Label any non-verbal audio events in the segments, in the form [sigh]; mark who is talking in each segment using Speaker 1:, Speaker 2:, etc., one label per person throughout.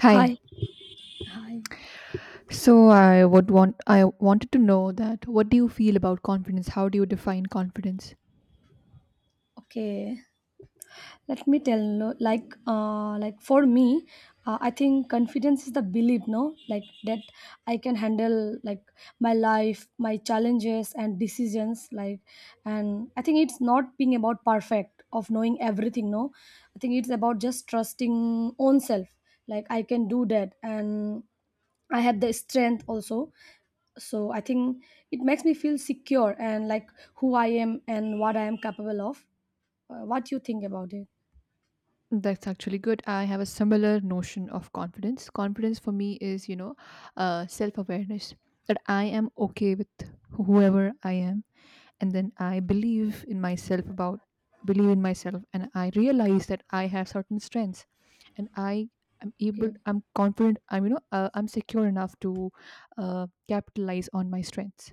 Speaker 1: Hi.
Speaker 2: Hi. Hi.
Speaker 1: So I wanted to know that what do you feel about confidence? How do you define confidence?
Speaker 2: Okay. Let me tell no, like for me, I think confidence is the belief, no? Like that I can handle like my life, my challenges and decisions like and I think it's not being about perfect of knowing everything, no? I think it's about just trusting own self. Like I can do that and I have the strength also. So I think it makes me feel secure and like who I am and what I am capable of. What you think about it?
Speaker 1: That's actually good. I have a similar notion of confidence. Confidence for me is, self-awareness that I am okay with whoever I am, and then I believe in myself, and I realize that I have certain strengths, and I am able.
Speaker 2: Okay,
Speaker 1: I'm confident. I'm I'm secure enough to capitalize on my strengths.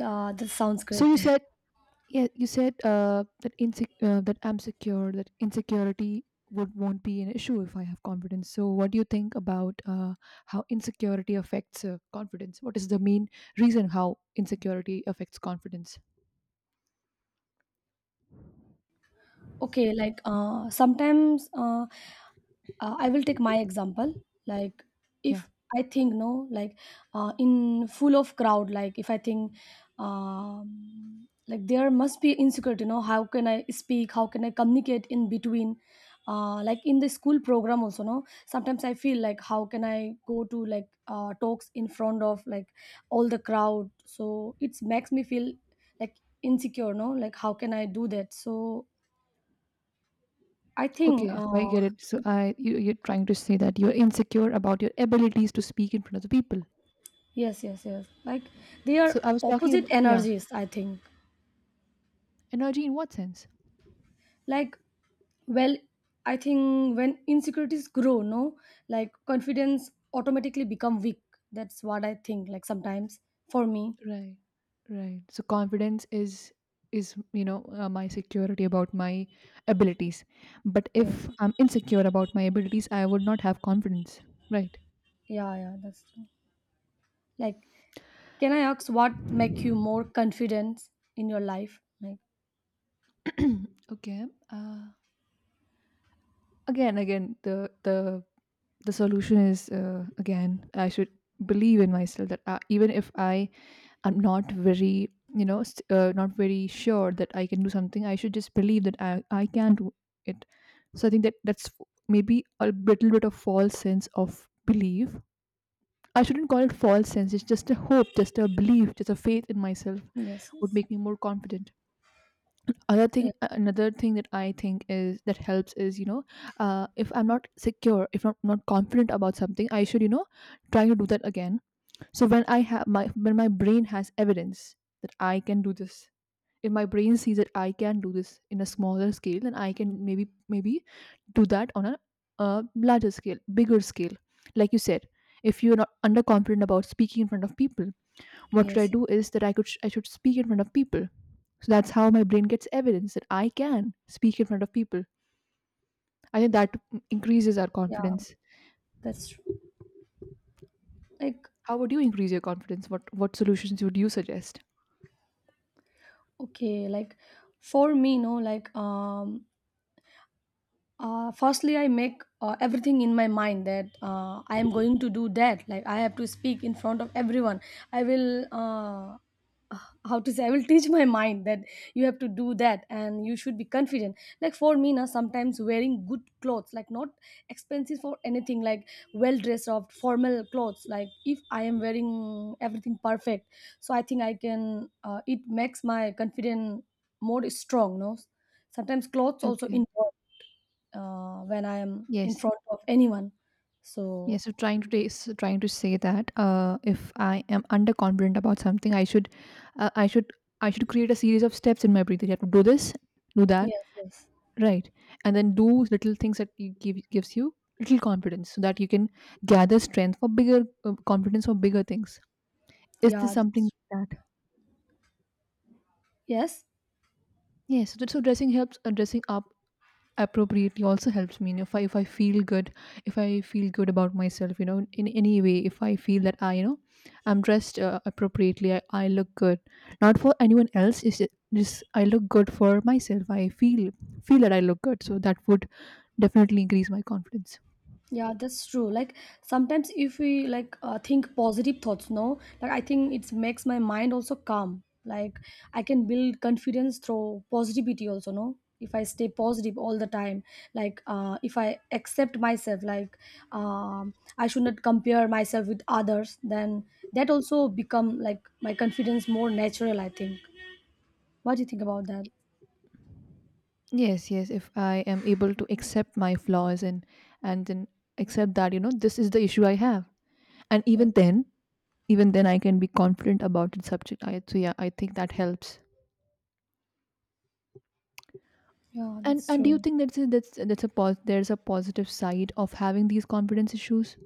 Speaker 2: that sounds great.
Speaker 1: So you said
Speaker 2: [laughs]
Speaker 1: Yeah, you said that that I'm secure, that insecurity would won't be an issue if I have confidence. So, what do you think about how insecurity affects confidence? What is the main reason how insecurity affects confidence?
Speaker 2: Okay, like sometimes I will take my example, like
Speaker 1: Yeah.
Speaker 2: if I think, no, like in full of crowd, like if I think, like there must be insecurity, you know, how can I speak, how can I communicate in between? Like in the school program also, no, sometimes I feel like how can I go to like talks in front of like all the crowd? So it makes me feel like insecure, no, like how can I do that? So I think,
Speaker 1: Okay, so I get it. So, you're trying to say that you're insecure about your abilities to speak in front of the people.
Speaker 2: yes, yes, yes. Like they are
Speaker 1: So, I was talking
Speaker 2: opposite
Speaker 1: about, yeah,
Speaker 2: energies, I think.
Speaker 1: energy in what sense?
Speaker 2: Like, well, I think when insecurities grow, no, like confidence automatically become weak. That's what I think, like sometimes for me.
Speaker 1: Right, right. So confidence is my security about my abilities. But
Speaker 2: Yes.
Speaker 1: if I'm insecure about my abilities, I would not have confidence. Right.
Speaker 2: Yeah, yeah, that's true. Like, can I ask what make you
Speaker 1: [clears throat]
Speaker 2: more confident in your life? Like,
Speaker 1: Okay. Again, the solution is, again, I should believe in myself that, even if I'm not very, you know, s not very sure that I can do something, I should just believe that I can do it. So I think that that's maybe a little bit of false sense of belief. I shouldn't call it false sense. It's just a hope, just a belief, just a faith in myself
Speaker 2: yes,
Speaker 1: would
Speaker 2: yes.
Speaker 1: make me more confident. Other thing,
Speaker 2: Yeah,
Speaker 1: another thing that I think is that helps is, you know, if I'm not secure, if I'm not confident about something, I should, you know, try to do that again, so when I have my when my brain has evidence that I can do this, if my brain sees that I can do this in a smaller scale, then I can maybe do that on a larger scale, bigger scale. Like you said, if you're not underconfident about speaking in front of people, what should I
Speaker 2: yes, yes.
Speaker 1: do is that I should speak in front of people. So that's how my brain gets evidence that I can speak in front of people. I think that increases our
Speaker 2: Yeah,
Speaker 1: confidence.
Speaker 2: that's true. Like,
Speaker 1: How would you increase your confidence? What solutions would you suggest?
Speaker 2: okay, like for me, no, like firstly I make everything in my mind that I am going to do that, like I have to speak in front of everyone. I will uh, how to say, I will teach my mind that you have to do that and you should be confident. Like for me now, sometimes wearing good clothes, like not expensive for anything, like well dressed up formal clothes, like if I am wearing everything perfect, so I think I can, it makes my confidence more strong, no, sometimes clothes also
Speaker 1: Okay.
Speaker 2: involve when I am in
Speaker 1: Yes.
Speaker 2: front of anyone. So
Speaker 1: Yes. So trying to trying to say that, if I am underconfident about something, uh, I should, I should create a series of steps in my breathing. I have to do this, do that.
Speaker 2: yes,
Speaker 1: Right. And then do little things that you give gives you little confidence so that you can gather strength for bigger, confidence for bigger things. Is this
Speaker 2: yeah,
Speaker 1: something
Speaker 2: that's,
Speaker 1: like that?
Speaker 2: yes,
Speaker 1: Yes. So, so dressing helps, dressing up appropriately also helps me. You know, if I feel good, if I feel good about myself, you know, in any way, if I feel that you know, I'm dressed, appropriately, I look good. Not for anyone else, is just I look good for myself. I feel feel that I look good. So that would definitely increase my confidence.
Speaker 2: yeah, that's true. Like sometimes if we like think positive thoughts, no, like I think it makes my mind also calm. Like I can build confidence through positivity also, no. If I stay positive all the time, like if I accept myself, like I should not compare myself with others, then that also become like my confidence more natural, I think. What do you think about that?
Speaker 1: Yes, yes. If I am able to accept my flaws and then accept that, you know, this is the issue I have. And even
Speaker 2: Yes.
Speaker 1: then, even then I can be confident about the subject. I so yeah, I think that helps.
Speaker 2: Yeah, that's
Speaker 1: And do you
Speaker 2: true.
Speaker 1: think that's a, that's a there's a positive side of having these confidence issues?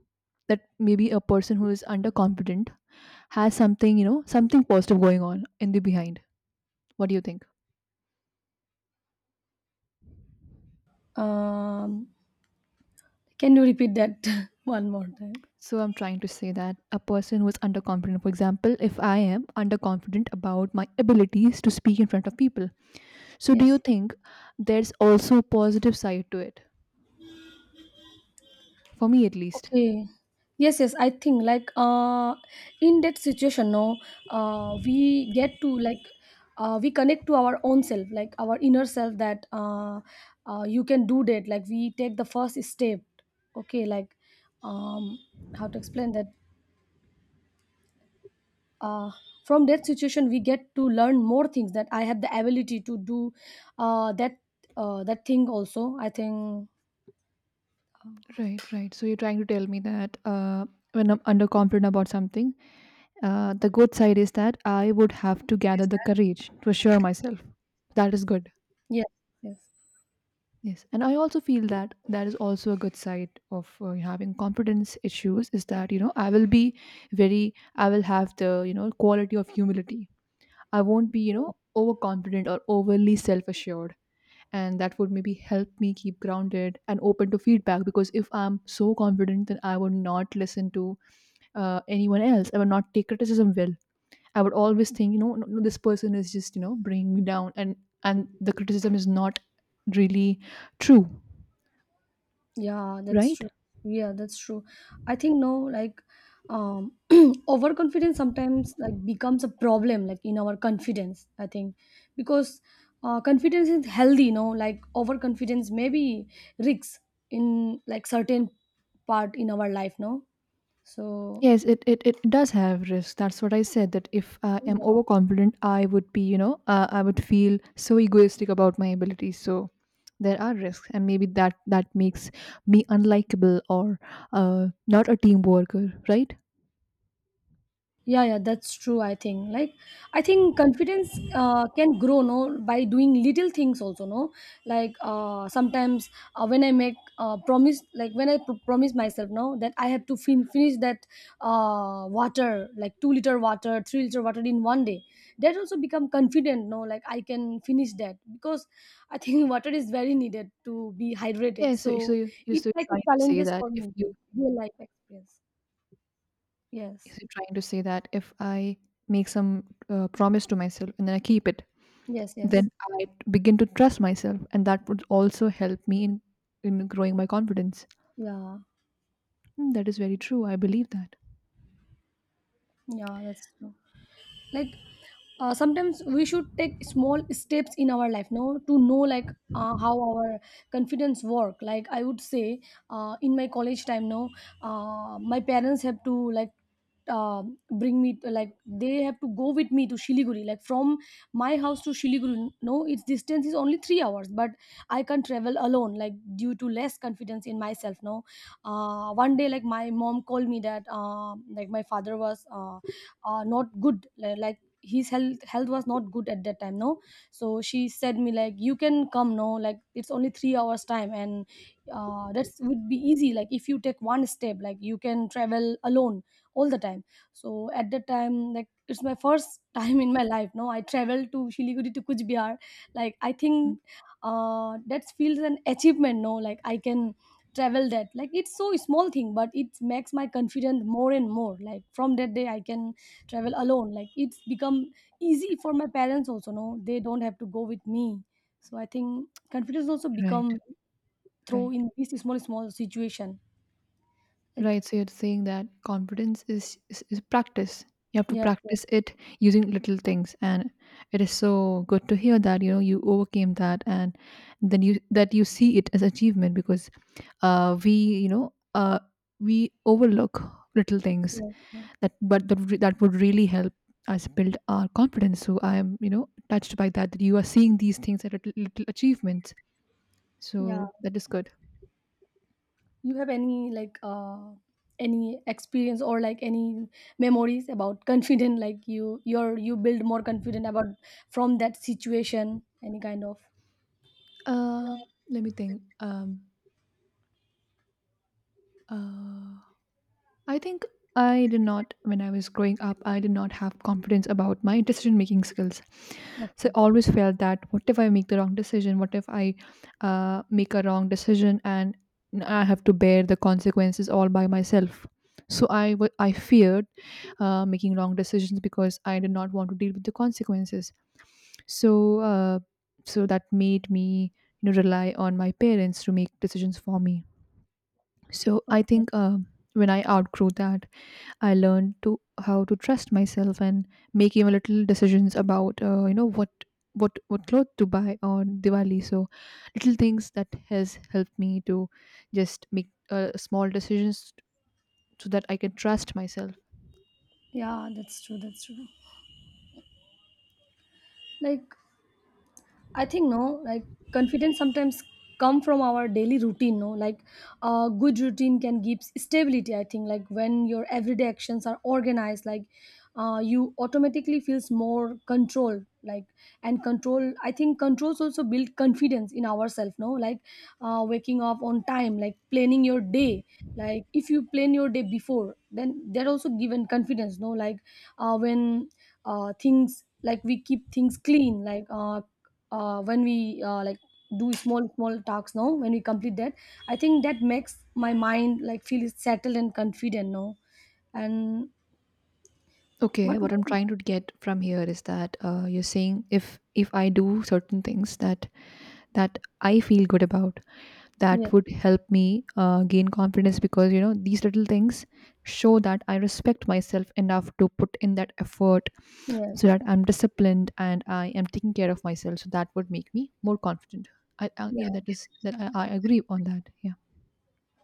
Speaker 1: That maybe a person who is underconfident has something, you know, something positive going on in the behind. What do you think?
Speaker 2: Um, can you repeat that [laughs] one more time?
Speaker 1: So I'm trying to say that a person who is underconfident, for example, if I am underconfident about my abilities to speak in front of people. So do you
Speaker 2: Yes.
Speaker 1: think there's also a positive side to it? For me at least.
Speaker 2: Okay. Yes, yes. I think like in that situation, no, we get to like we connect to our own self, like our inner self. That you can do that. Like we take the first step. Okay, like um, how to explain that? uh, from that situation we get to learn more things that I have the ability to do, that that thing also I think.
Speaker 1: Right, right. So you're trying to tell me that, when I'm underconfident about something, the good side is that I would have to gather the courage to assure myself. That is good.
Speaker 2: Yes, yes.
Speaker 1: Yes, and I also feel that that is also a good side of, having competence issues is that, you know, I will be very, I will have the, you know, quality of humility. I won't be, you know, overconfident or overly self-assured, and that would maybe help me keep grounded and open to feedback. Because if I'm so confident, then I would not listen to, anyone else. I would not take criticism well. I would always think, you know, "No, no, this person is just, you know, bringing me down, and the criticism is not really true."
Speaker 2: Yeah, that's
Speaker 1: Right.
Speaker 2: true. Yeah, that's true. I think, no, like um [clears throat] overconfidence sometimes like becomes a problem like in our confidence, I think, because confidence is healthy, you know, like overconfidence maybe risks in like certain part in our life, no, so.
Speaker 1: Yes, it does have risk. That's what I said. That if I am
Speaker 2: Yeah.
Speaker 1: overconfident, I would be, you know, I would feel so egoistic about my abilities. So there are risks, and maybe that that makes me unlikable or, not a team worker, right?
Speaker 2: Yeah, yeah, that's true. I think like, I think confidence can grow, no, by doing little things also, no, like sometimes when I make promise, like when I promise myself, no, that I have to finish that, water like 2-liter water 3-liter water in one day. That also become confident, no, like I can finish that, because I think [laughs] water is very needed to be hydrated,
Speaker 1: Yeah.
Speaker 2: so
Speaker 1: So you're
Speaker 2: it's
Speaker 1: still
Speaker 2: like a
Speaker 1: trying to say
Speaker 2: challenges
Speaker 1: that
Speaker 2: for
Speaker 1: if
Speaker 2: me,
Speaker 1: you—
Speaker 2: real life experience. Yes,
Speaker 1: so you're trying to say that if I make some, promise to myself and then I keep it,
Speaker 2: yes, yes.
Speaker 1: then I begin to trust myself, and that would also help me in growing my confidence.
Speaker 2: Yeah.
Speaker 1: Mm, that is very true. I believe that.
Speaker 2: Yeah, that's true. Like sometimes we should take small steps in our life, no, to know like how our confidence work. Like I would say in my college time, no, my parents have to like uh, bring me to, like they have to go with me to Shiliguri, like from my house to Shiliguri, no, its distance is only 3 hours, but I can't travel alone like due to less confidence in myself, no. One day like my mom called me that, like my father was not good, like his health was not good at that time, no. So she said me like you can come, no, like it's only 3 hours time, and that's would be easy, like if you take one step, like you can travel alone all the time. So at that time, like it's my first [laughs] time in my life, no, I traveled to Shiliguri to Kuch Bihar, like I
Speaker 1: Mm.
Speaker 2: think that feels an achievement, no, like I can travel that, like it's so small thing, but it makes my confidence more and more. Like from that day I can travel alone, like it's become easy for my parents also, no, they don't have to go with me. So I think confidence also
Speaker 1: Right,
Speaker 2: become through
Speaker 1: right,
Speaker 2: in this small small situation, like.
Speaker 1: right. So you're saying that confidence is, is practice. You have to
Speaker 2: Yes, yes.
Speaker 1: practice it using little things, and it is so good to hear that, you know, you overcame that, and then you see it as achievement because, we you know we overlook little things
Speaker 2: Yes, yes.
Speaker 1: that, that would really help us build our confidence. So I am, you know, touched by that, that you are seeing these things as little, little achievements.
Speaker 2: Yeah.
Speaker 1: So that is good.
Speaker 2: You have any like any experience or like any memories about confident, like you you build more confident about from that situation, any kind of?
Speaker 1: Let me think. Uh I think I did not, when I was growing up, I did not have confidence about my decision making skills. So
Speaker 2: Okay.
Speaker 1: I always felt, that what if I make the wrong decision? What if I, make a wrong decision and I have to bear the consequences all by myself? So I feared, making wrong decisions because I did not want to deal with the consequences. So uh, so that made me, you know, rely on my parents to make decisions for me. So I
Speaker 2: Okay.
Speaker 1: think, when I outgrew that, I learned to how to trust myself and make even little decisions about, you know, what clothes to buy on Diwali. So little things that has helped me to just make, small decisions so that I can trust myself.
Speaker 2: Yeah, that's true, that's true. Like I think, no, like confidence sometimes come from our daily routine, no? Like a good routine can give stability, I think. Like when your everyday actions are organized, like you automatically feels more control, like, and control, I think controls also build confidence in ourselves, no, like waking up on time, like planning your day, like if you plan your day before, then that also given confidence, no, like when things like we keep things clean, like when we like do small small talks, now when we complete that I think that makes my mind like feel settled and confident now, and.
Speaker 1: Okay,
Speaker 2: What?
Speaker 1: what I'm trying to get from here is that, you're saying if I do certain things that that I feel good about,
Speaker 2: Yeah,
Speaker 1: that would help me, gain confidence because, you know, these little things show that I respect myself enough to put in that effort,
Speaker 2: yeah,
Speaker 1: so that I'm disciplined and I am taking care of myself, so that would make me more confident. I
Speaker 2: yeah,
Speaker 1: yeah, that is that I agree on that, yeah.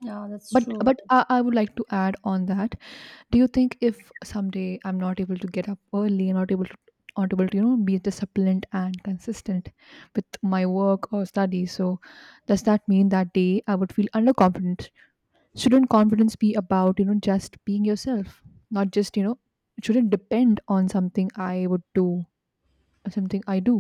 Speaker 2: yeah, that's
Speaker 1: but
Speaker 2: true.
Speaker 1: but I would like to add on that: do you think if someday I'm not able to get up early, not able to, you know, be disciplined and consistent with my work or study, so does that mean that day I would feel underconfident? Shouldn't confidence be about, you know, just being yourself, not just, you know, it shouldn't depend on something I would do or something I do?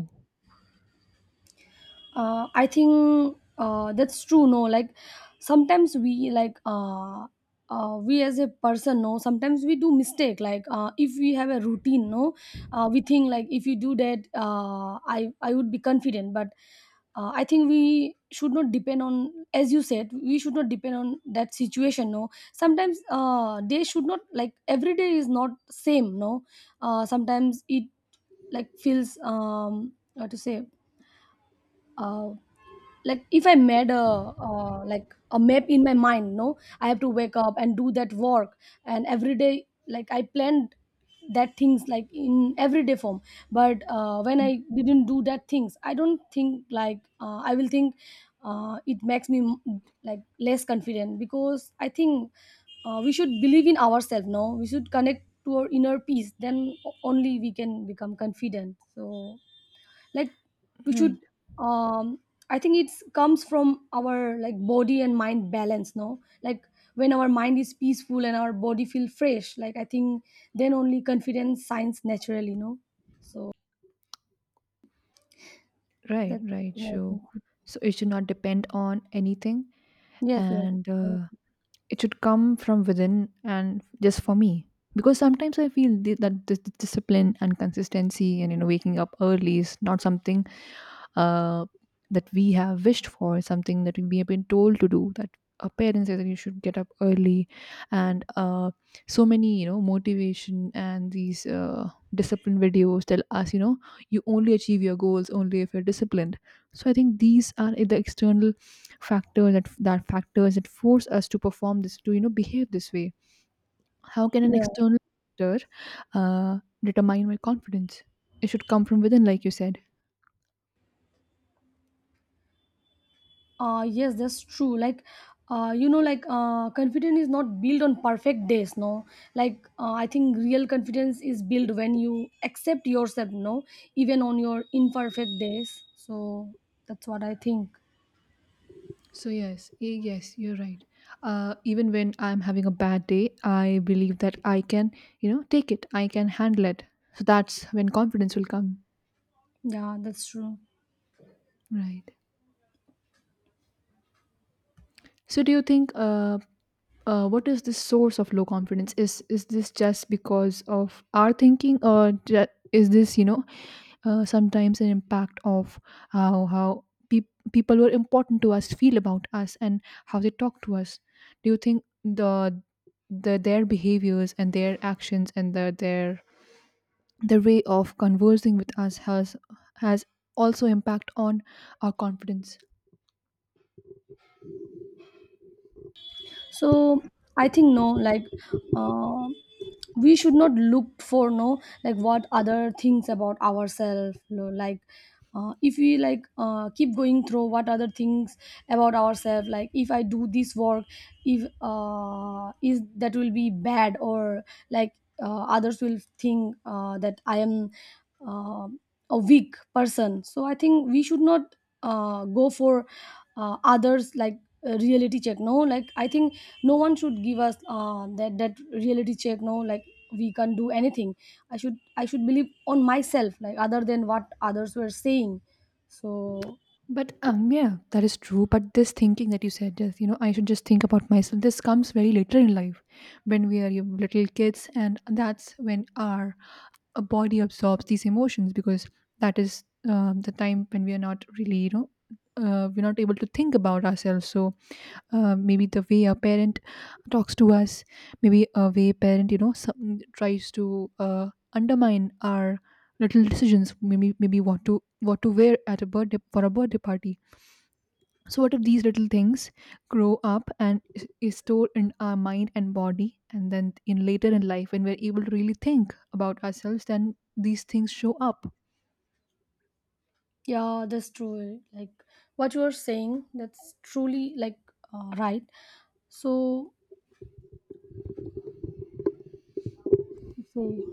Speaker 2: I think that's true, no, like sometimes we like we as a person, no, sometimes we do mistake, like if we have a routine, no, we think like if you do that, I would be confident, but I think we should not depend on, as you said, we should not depend on that situation, no. Sometimes they should not, like every day is not same, no, sometimes it like feels how to say, uh, like if I made a, like a map in my mind, no, I have to wake up and do that work, and every day like I planned that things like in everyday form, but when I
Speaker 1: Mm,
Speaker 2: didn't do that things, I don't think like I will think it makes me like less confident, because I think we should believe in ourselves, no, we should connect to our inner peace, then only we can become confident. So like we should
Speaker 1: right,
Speaker 2: um I think it's comes from our like body and mind balance, no, like when our mind is peaceful and our body feel fresh, like I think then only confidence signs naturally, no, so
Speaker 1: right,
Speaker 2: that,
Speaker 1: right.
Speaker 2: you know, I
Speaker 1: So
Speaker 2: think.
Speaker 1: so it should not depend on anything
Speaker 2: Yes, yes.
Speaker 1: and,
Speaker 2: Correct.
Speaker 1: it should come from within and just for me, because sometimes I feel that this discipline and consistency and, you know, waking up early is not something, uh, that we have wished for, something that we have been told to do, that our parents say that you should get up early, and, so many, you know, motivation and these, discipline videos tell us, you know, you only achieve your goals only if you're disciplined. So I think these are the external factors, that factors that force us to perform this, to, you know, behave this way. How can an
Speaker 2: Yeah.
Speaker 1: external factor, uh, determine my confidence? It should come from within, like you said.
Speaker 2: Yes, that's true. Like, you know, like confidence is not built on perfect days. No, like I think real confidence is built when you accept yourself. No, even on your imperfect days. So that's what I think.
Speaker 1: So yes, yes, you're right. Uh, even when I'm having a bad day, I believe that I can, you know, take it, I can handle it, so that's when confidence will come.
Speaker 2: Yeah, that's true.
Speaker 1: Right. So do you think what is the source of low confidence? Is this just because of our thinking is this, sometimes an impact of how people who are important to us feel about us, and how they talk to us? Do you think the their behaviors and their actions and their way of conversing with us has has also impact on our confidence?
Speaker 2: So I think, no, like uh, we should not look for, no, like what other things about ourselves, no, like if we like keep going through what other things about ourselves, like if I do this work, if is that will be bad, or like others will think that I am uh, a weak person. So I think we should not go for others like reality check, no, like I think no one should give us that reality check, no, like we can't do anything. I should believe on myself, like other than what others were saying. So
Speaker 1: But yeah, that is true. But this thinking that you said, just you know, I should just think about myself, this comes very later in life, when we are, you know, little kids, and that's when our body absorbs these emotions, because that is, the time when we are not really, you know, we're not able to think about ourselves. So maybe the way a parent talks to us, maybe a way a parent, you know, some, tries to undermine our little decisions. Maybe what to wear at a birthday for a birthday party. So what if these little things grow up and is stored in our mind and body, and then in later in life, when we're able to really think about ourselves, then these things show up.
Speaker 2: yeah, that's true. Like what you are saying, that's truly like, right. So say,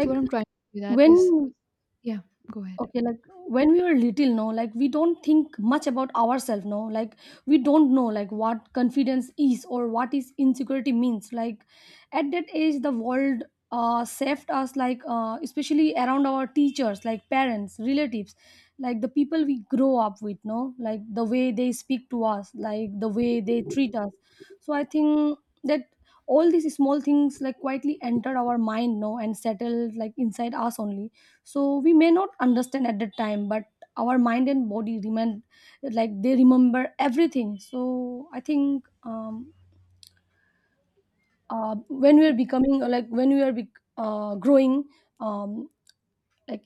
Speaker 1: So what I'm trying to do that is,
Speaker 2: when,
Speaker 1: yeah, go ahead.
Speaker 2: okay, like when we were little, no, like we don't think much about ourselves, no, like we don't know like what confidence is or what is insecurity means. Like at that age, the world saved us, like especially around our teachers, like parents, relatives, like the people we grow up with, no, like the way they speak to us, like the way they treat us. So I think that all these small things like quietly entered our mind, no, and settled like inside us only, so we may not understand at that time, but our mind and body remain, like they remember everything. So I think when we are
Speaker 1: Y-
Speaker 2: becoming, like when we are growing, um, like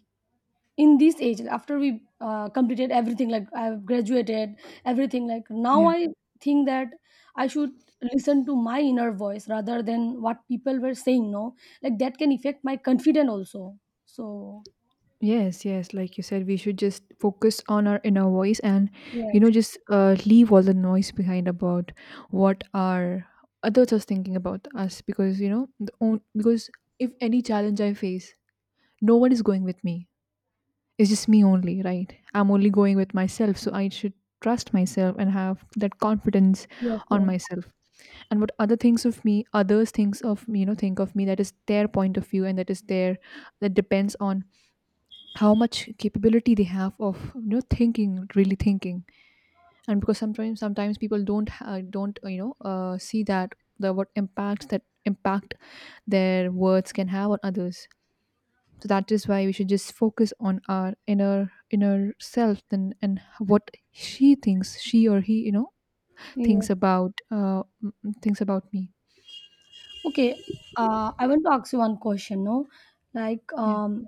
Speaker 2: in this age after we completed everything, like I have graduated everything, like now
Speaker 1: Yeah.
Speaker 2: I think that I should listen to my inner voice rather than what people were saying, no, like that can affect my confidence also, so
Speaker 1: Yes, yes. Like you said, we should just focus on our inner voice and, you
Speaker 2: yes.
Speaker 1: know, just leave all the noise behind about what our others are thinking about us, because, you know, the own, because if any challenge I face, no one is going with me. It's just me only, right? I'm only going with myself. So I should trust myself and have that confidence
Speaker 2: yes
Speaker 1: on
Speaker 2: yes
Speaker 1: myself. And what other things of me others thinks of me, you know, think of me, that is their point of view, and that is their, that depends on how much capability they have of, you know, thinking, really thinking. And because sometimes people don't don't you know see that the what impacts that impact their words can have on others. So that is why we should just focus on our inner self and what she thinks, she or he, you know,
Speaker 2: yes
Speaker 1: thinks about uh m- thinks about me.
Speaker 2: Okay, I want to ask you one question. No, like,
Speaker 1: Yeah.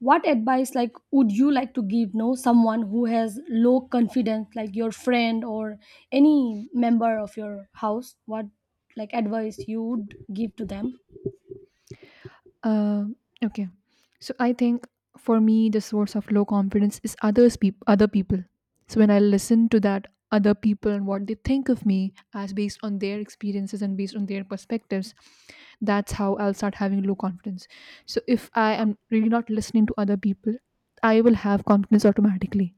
Speaker 2: what advice like would you like to give? No, someone who has low confidence, like your friend or any member of your house. What like advice you would give to them?
Speaker 1: Um, okay. So I think for me the source of low confidence is other people. So when I listen to that other people and what they think of me as based on their experiences and based on their perspectives, that's how I'll start having low confidence. So if I am really not listening to other people, I will have confidence automatically.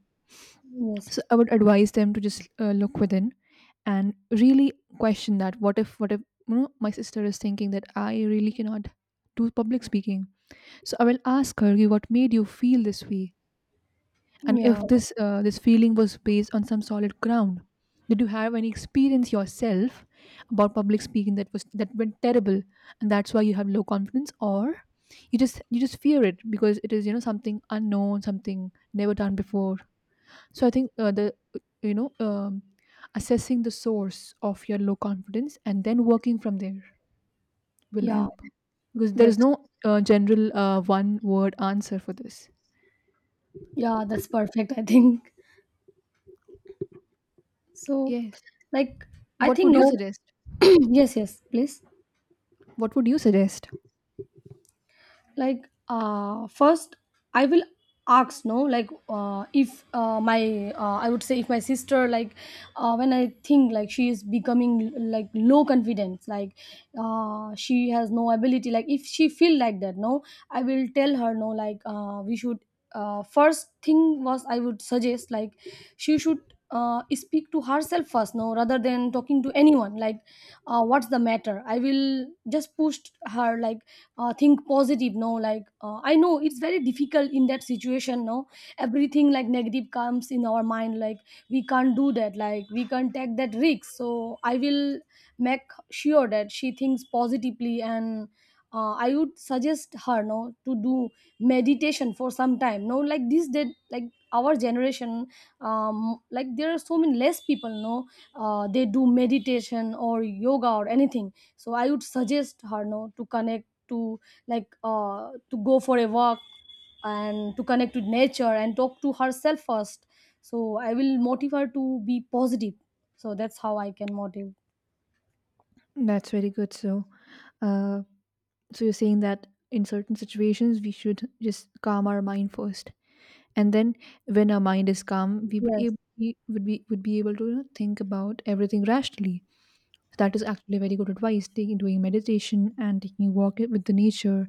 Speaker 2: Yes.
Speaker 1: So I would advise them to just look within and really question that, what if you know my sister is thinking that I really cannot do public speaking. So I will ask her, what made you feel this way? And
Speaker 2: Yeah.
Speaker 1: if this this feeling was based on some solid ground, did you have any experience yourself about public speaking that was that went terrible, and that's why you have low confidence? Or you just fear it because it is, you know, something unknown, something never done before." So I think the, you know, assessing the source of your low confidence and then working from there will
Speaker 2: Yeah.
Speaker 1: help, because there is
Speaker 2: That's
Speaker 1: no general one word answer for this.
Speaker 2: yeah. That's perfect. I think so.
Speaker 1: Yes.
Speaker 2: Like, I
Speaker 1: What
Speaker 2: think
Speaker 1: would you
Speaker 2: no.
Speaker 1: suggest?
Speaker 2: [clears throat] Yes. Yes. Please.
Speaker 1: What would you suggest?
Speaker 2: Like first I will ask, no, like if my I would say if my sister, like when I think like she is becoming like low confidence, like she has no ability, like if she feel like that, no, I will tell her, no, like we should, first thing was I would suggest like she should speak to herself first, no, rather than talking to anyone, like what's the matter. I will just push her like, think positive, no, like I know it's very difficult in that situation, no, everything like negative comes in our mind, like we can't do that, like we can't take that risk. So I will make sure that she thinks positively, and I would suggest her, no, to do meditation for some time, no, like this that, like our generation, like there are so many less people, no, they do meditation or yoga or anything, so I would suggest her, no, to connect to, like to go for a walk and to connect with nature and talk to herself first. So I will motivate her to be positive. So that's how I can motivate.
Speaker 1: That's very good. So, uh, so you're saying that in certain situations we should just calm our mind first, and then when our mind is calm, we would
Speaker 2: Yes.
Speaker 1: able, we would be able to, you know, think about everything rationally. That is actually very good advice. Taking, doing meditation, and taking a walk with the nature,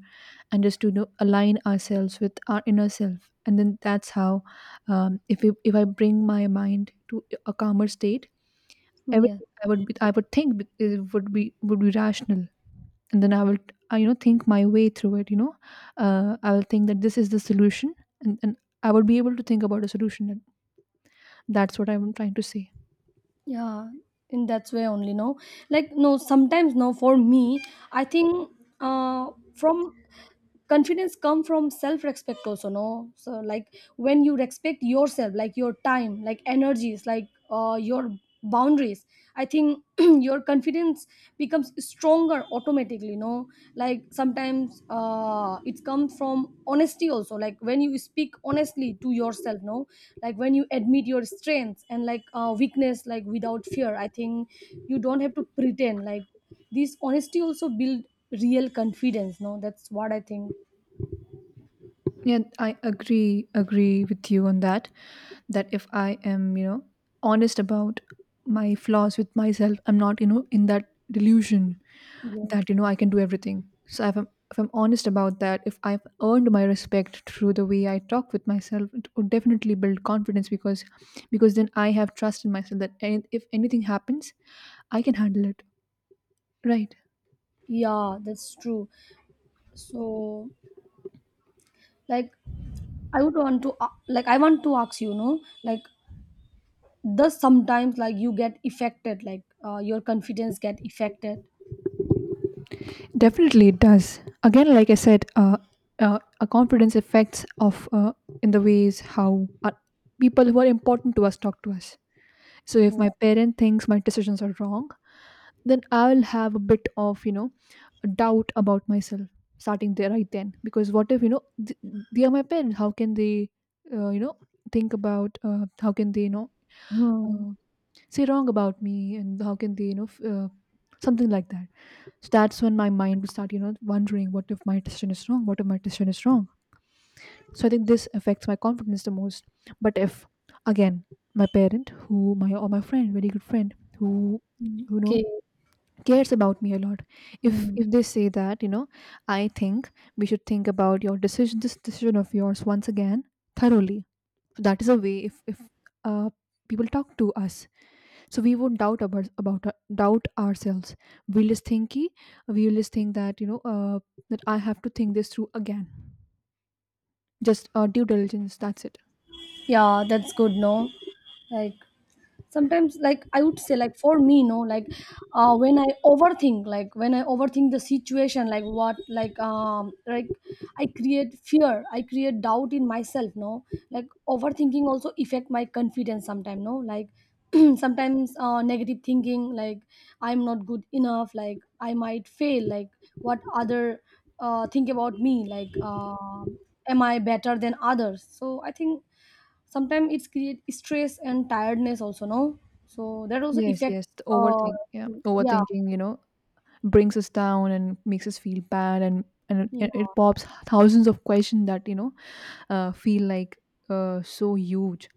Speaker 1: and just to, you know, align ourselves with our inner self. And then that's how, if we, if I bring my mind to a calmer state, everything,
Speaker 2: Yeah.
Speaker 1: I would be, I would it would be rational, and then I will, I, you know, think my way through it. You know, I will think that this is the solution, and I would be able to think about a solution. That's what I'm trying to say.
Speaker 2: Yeah, in that way only, no, like no, sometimes, no, for me I think uh from confidence come from self respect also, no, so like when you respect yourself, like your time, like energies, like your boundaries, I think [clears throat] your confidence becomes stronger automatically, no, like sometimes it comes from honesty also, like when you speak honestly to yourself, no, like when you admit your strengths and like weakness like without fear. I think you don't have to pretend, like this honesty also build real confidence, no, that's what I think.
Speaker 1: Yeah, I agree with you on that. That if I am, you know, honest about my flaws with myself, I'm not, you know, in that delusion
Speaker 2: Yes.
Speaker 1: that you know I can do everything. So if I'm honest about that, if I've earned my respect through the way I talk with myself, it would definitely build confidence, because then I have trust in myself that, if anything happens, I can handle it. Right.
Speaker 2: Yeah, that's true. So, like, I would want to, like, I want to ask you, you know, like, does sometimes like you get affected, like, your confidence get affected? Like,
Speaker 1: Definitely, it does. Again, like I said, a confidence affects of in the ways how people who are important to us talk to us. So if
Speaker 2: yeah.
Speaker 1: my parent thinks my decisions are wrong, then I will have a bit of, you know, doubt about myself starting there right then. Because what if, you know, they are my parents, how can they you know think about how can they, you know,
Speaker 2: Hmm.
Speaker 1: uh, say wrong about me? And how can they, you know, something like that? So that's when my mind would start, you know, wondering, what if my decision is wrong? So I think this affects my confidence the most. But if, again, my parent who my or my friend, very good friend, who, you know,
Speaker 2: Okay.
Speaker 1: cares about me a lot, if
Speaker 2: Hmm.
Speaker 1: they say that, you know, I think we should think about your decision this decision of yours once again, thoroughly. So that is a way. If uh, people talk to us, so we won't doubt about doubt ourselves. we'll just think ki- we'll just think that, you know, that I have to think this through again, just due diligence, that's it.
Speaker 2: Yeah, that's good, no? Like, sometimes like I would say, like for me, no, like when I overthink, like when I overthink the situation, like what, I create fear, I create doubt in myself, no, like overthinking also affect my confidence sometimes, no, like [clears throat] sometimes negative thinking, like I'm not good enough, like I might fail, like what other think about me, like am I better than others. So I think sometimes it's create stress and tiredness also, no, so that also
Speaker 1: Yes,
Speaker 2: affect.
Speaker 1: yes, the
Speaker 2: uh
Speaker 1: overthink yeah
Speaker 2: yeah.
Speaker 1: overthinking, you know, brings us down and makes us feel bad, and it,
Speaker 2: Yeah.
Speaker 1: it pops thousands of questions that, you know, feel like so huge.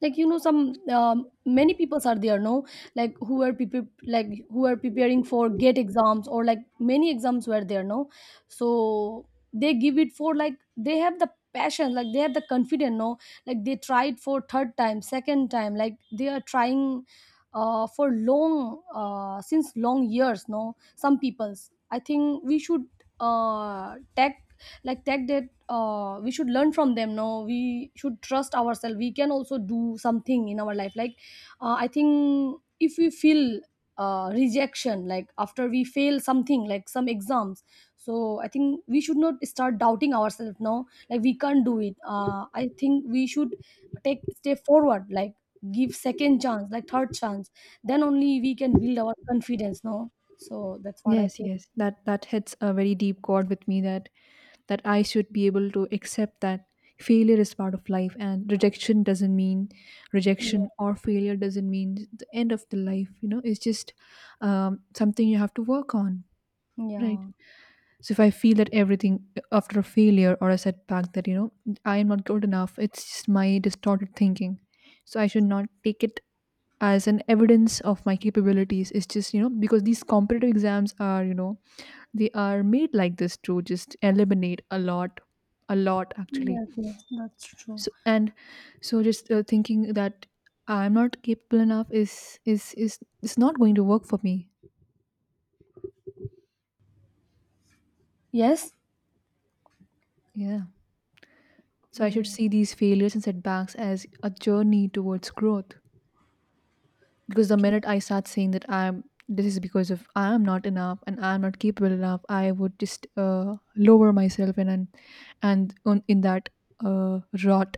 Speaker 2: Like you know some, many peoples are there, no, like who are people, like who are preparing for gate exams or like many exams were there, no, so they give it for, like they have the passion, like they have the confidence, no, like they tried for third time, second time, like they are trying for long, since long years, no, some peoples, I think we should take, like tech did we should learn from them, no, we should trust ourselves, we can also do something in our life, like I think if we feel rejection, like after we fail something like some exams, so I think we should not start doubting ourselves, no, like we can't do it. I think we should take step forward, like give second chance, like third chance, then only we can build our confidence, no, so that's what I
Speaker 1: Yes,
Speaker 2: think.
Speaker 1: yes. That that hits a very deep chord with me, that that I should be able to accept that failure is part of life, and
Speaker 2: Yeah.
Speaker 1: rejection or failure doesn't mean the end of the life, you know. It's just something you have to work on, right?
Speaker 2: Yeah.
Speaker 1: So if I feel that, everything after a failure or a setback that, you know, I am not good enough, it's just my distorted thinking. So I should not take it as an evidence of my capabilities. It's just, you know, because these competitive exams are, you know, they are made like this to just eliminate a lot, a lot actually.
Speaker 2: Yes, yes, that's true.
Speaker 1: So and so just thinking that I'm not capable enough is is not going to work for me.
Speaker 2: Yes.
Speaker 1: Yeah. So I should
Speaker 2: Yeah,
Speaker 1: see these failures and setbacks as a journey towards growth, because the minute I start saying that I'm, this is because of I am not enough and I'm not capable enough, I would just lower myself, and and on, in that uh, rot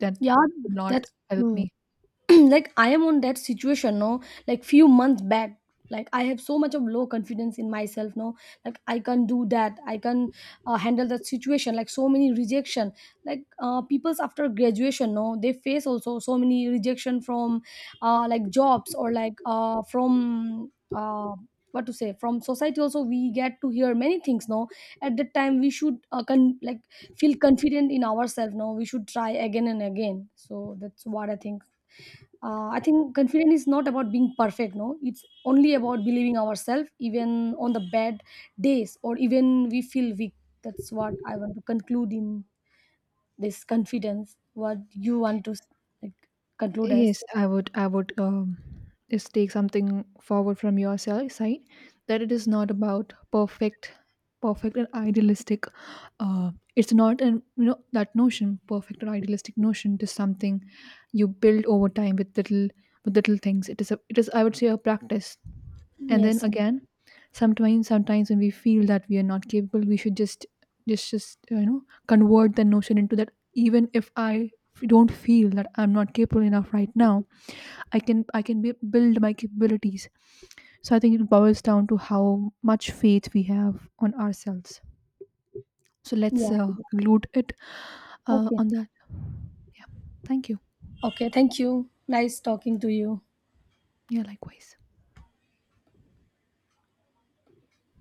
Speaker 1: that
Speaker 2: yeah,
Speaker 1: would not
Speaker 2: that's
Speaker 1: help
Speaker 2: true.
Speaker 1: me.
Speaker 2: [clears throat] Like I am on that situation, no, like few months back, like I have so much of low confidence in myself, no, like I can do that, I can handle that situation, like so many rejection, like people's after graduation, no, they face also so many rejection from, like jobs or like from uh, what to say, from society also we get to hear many things, no, at that time we should like feel confident in ourselves, no, we should try again and again. So that's what I think. I think confidence is not about being perfect, no, it's only about believing ourselves even on the bad days or even we feel weak. That's what I want to conclude in this confidence. What you want to, like, conclude as?
Speaker 1: Yes, I would. I would just take something forward from your side, that it is not about perfect and idealistic. It's not an, you know, that notion, perfect or idealistic notion. It is something you build over time with little things. It is a, it is, I would say, a practice. And then
Speaker 2: Yes.
Speaker 1: again, sometimes when we feel that we are not capable, we should just you know, convert the notion into that. Even if I don't feel that I'm not capable enough right now, I can, b- build my capabilities. So I think it boils down to how much faith we have on ourselves. So let's
Speaker 2: Yeah.
Speaker 1: conclude it
Speaker 2: Okay.
Speaker 1: on that. Yeah. Thank you.
Speaker 2: Okay, thank you. Nice talking to you.
Speaker 1: Yeah, likewise.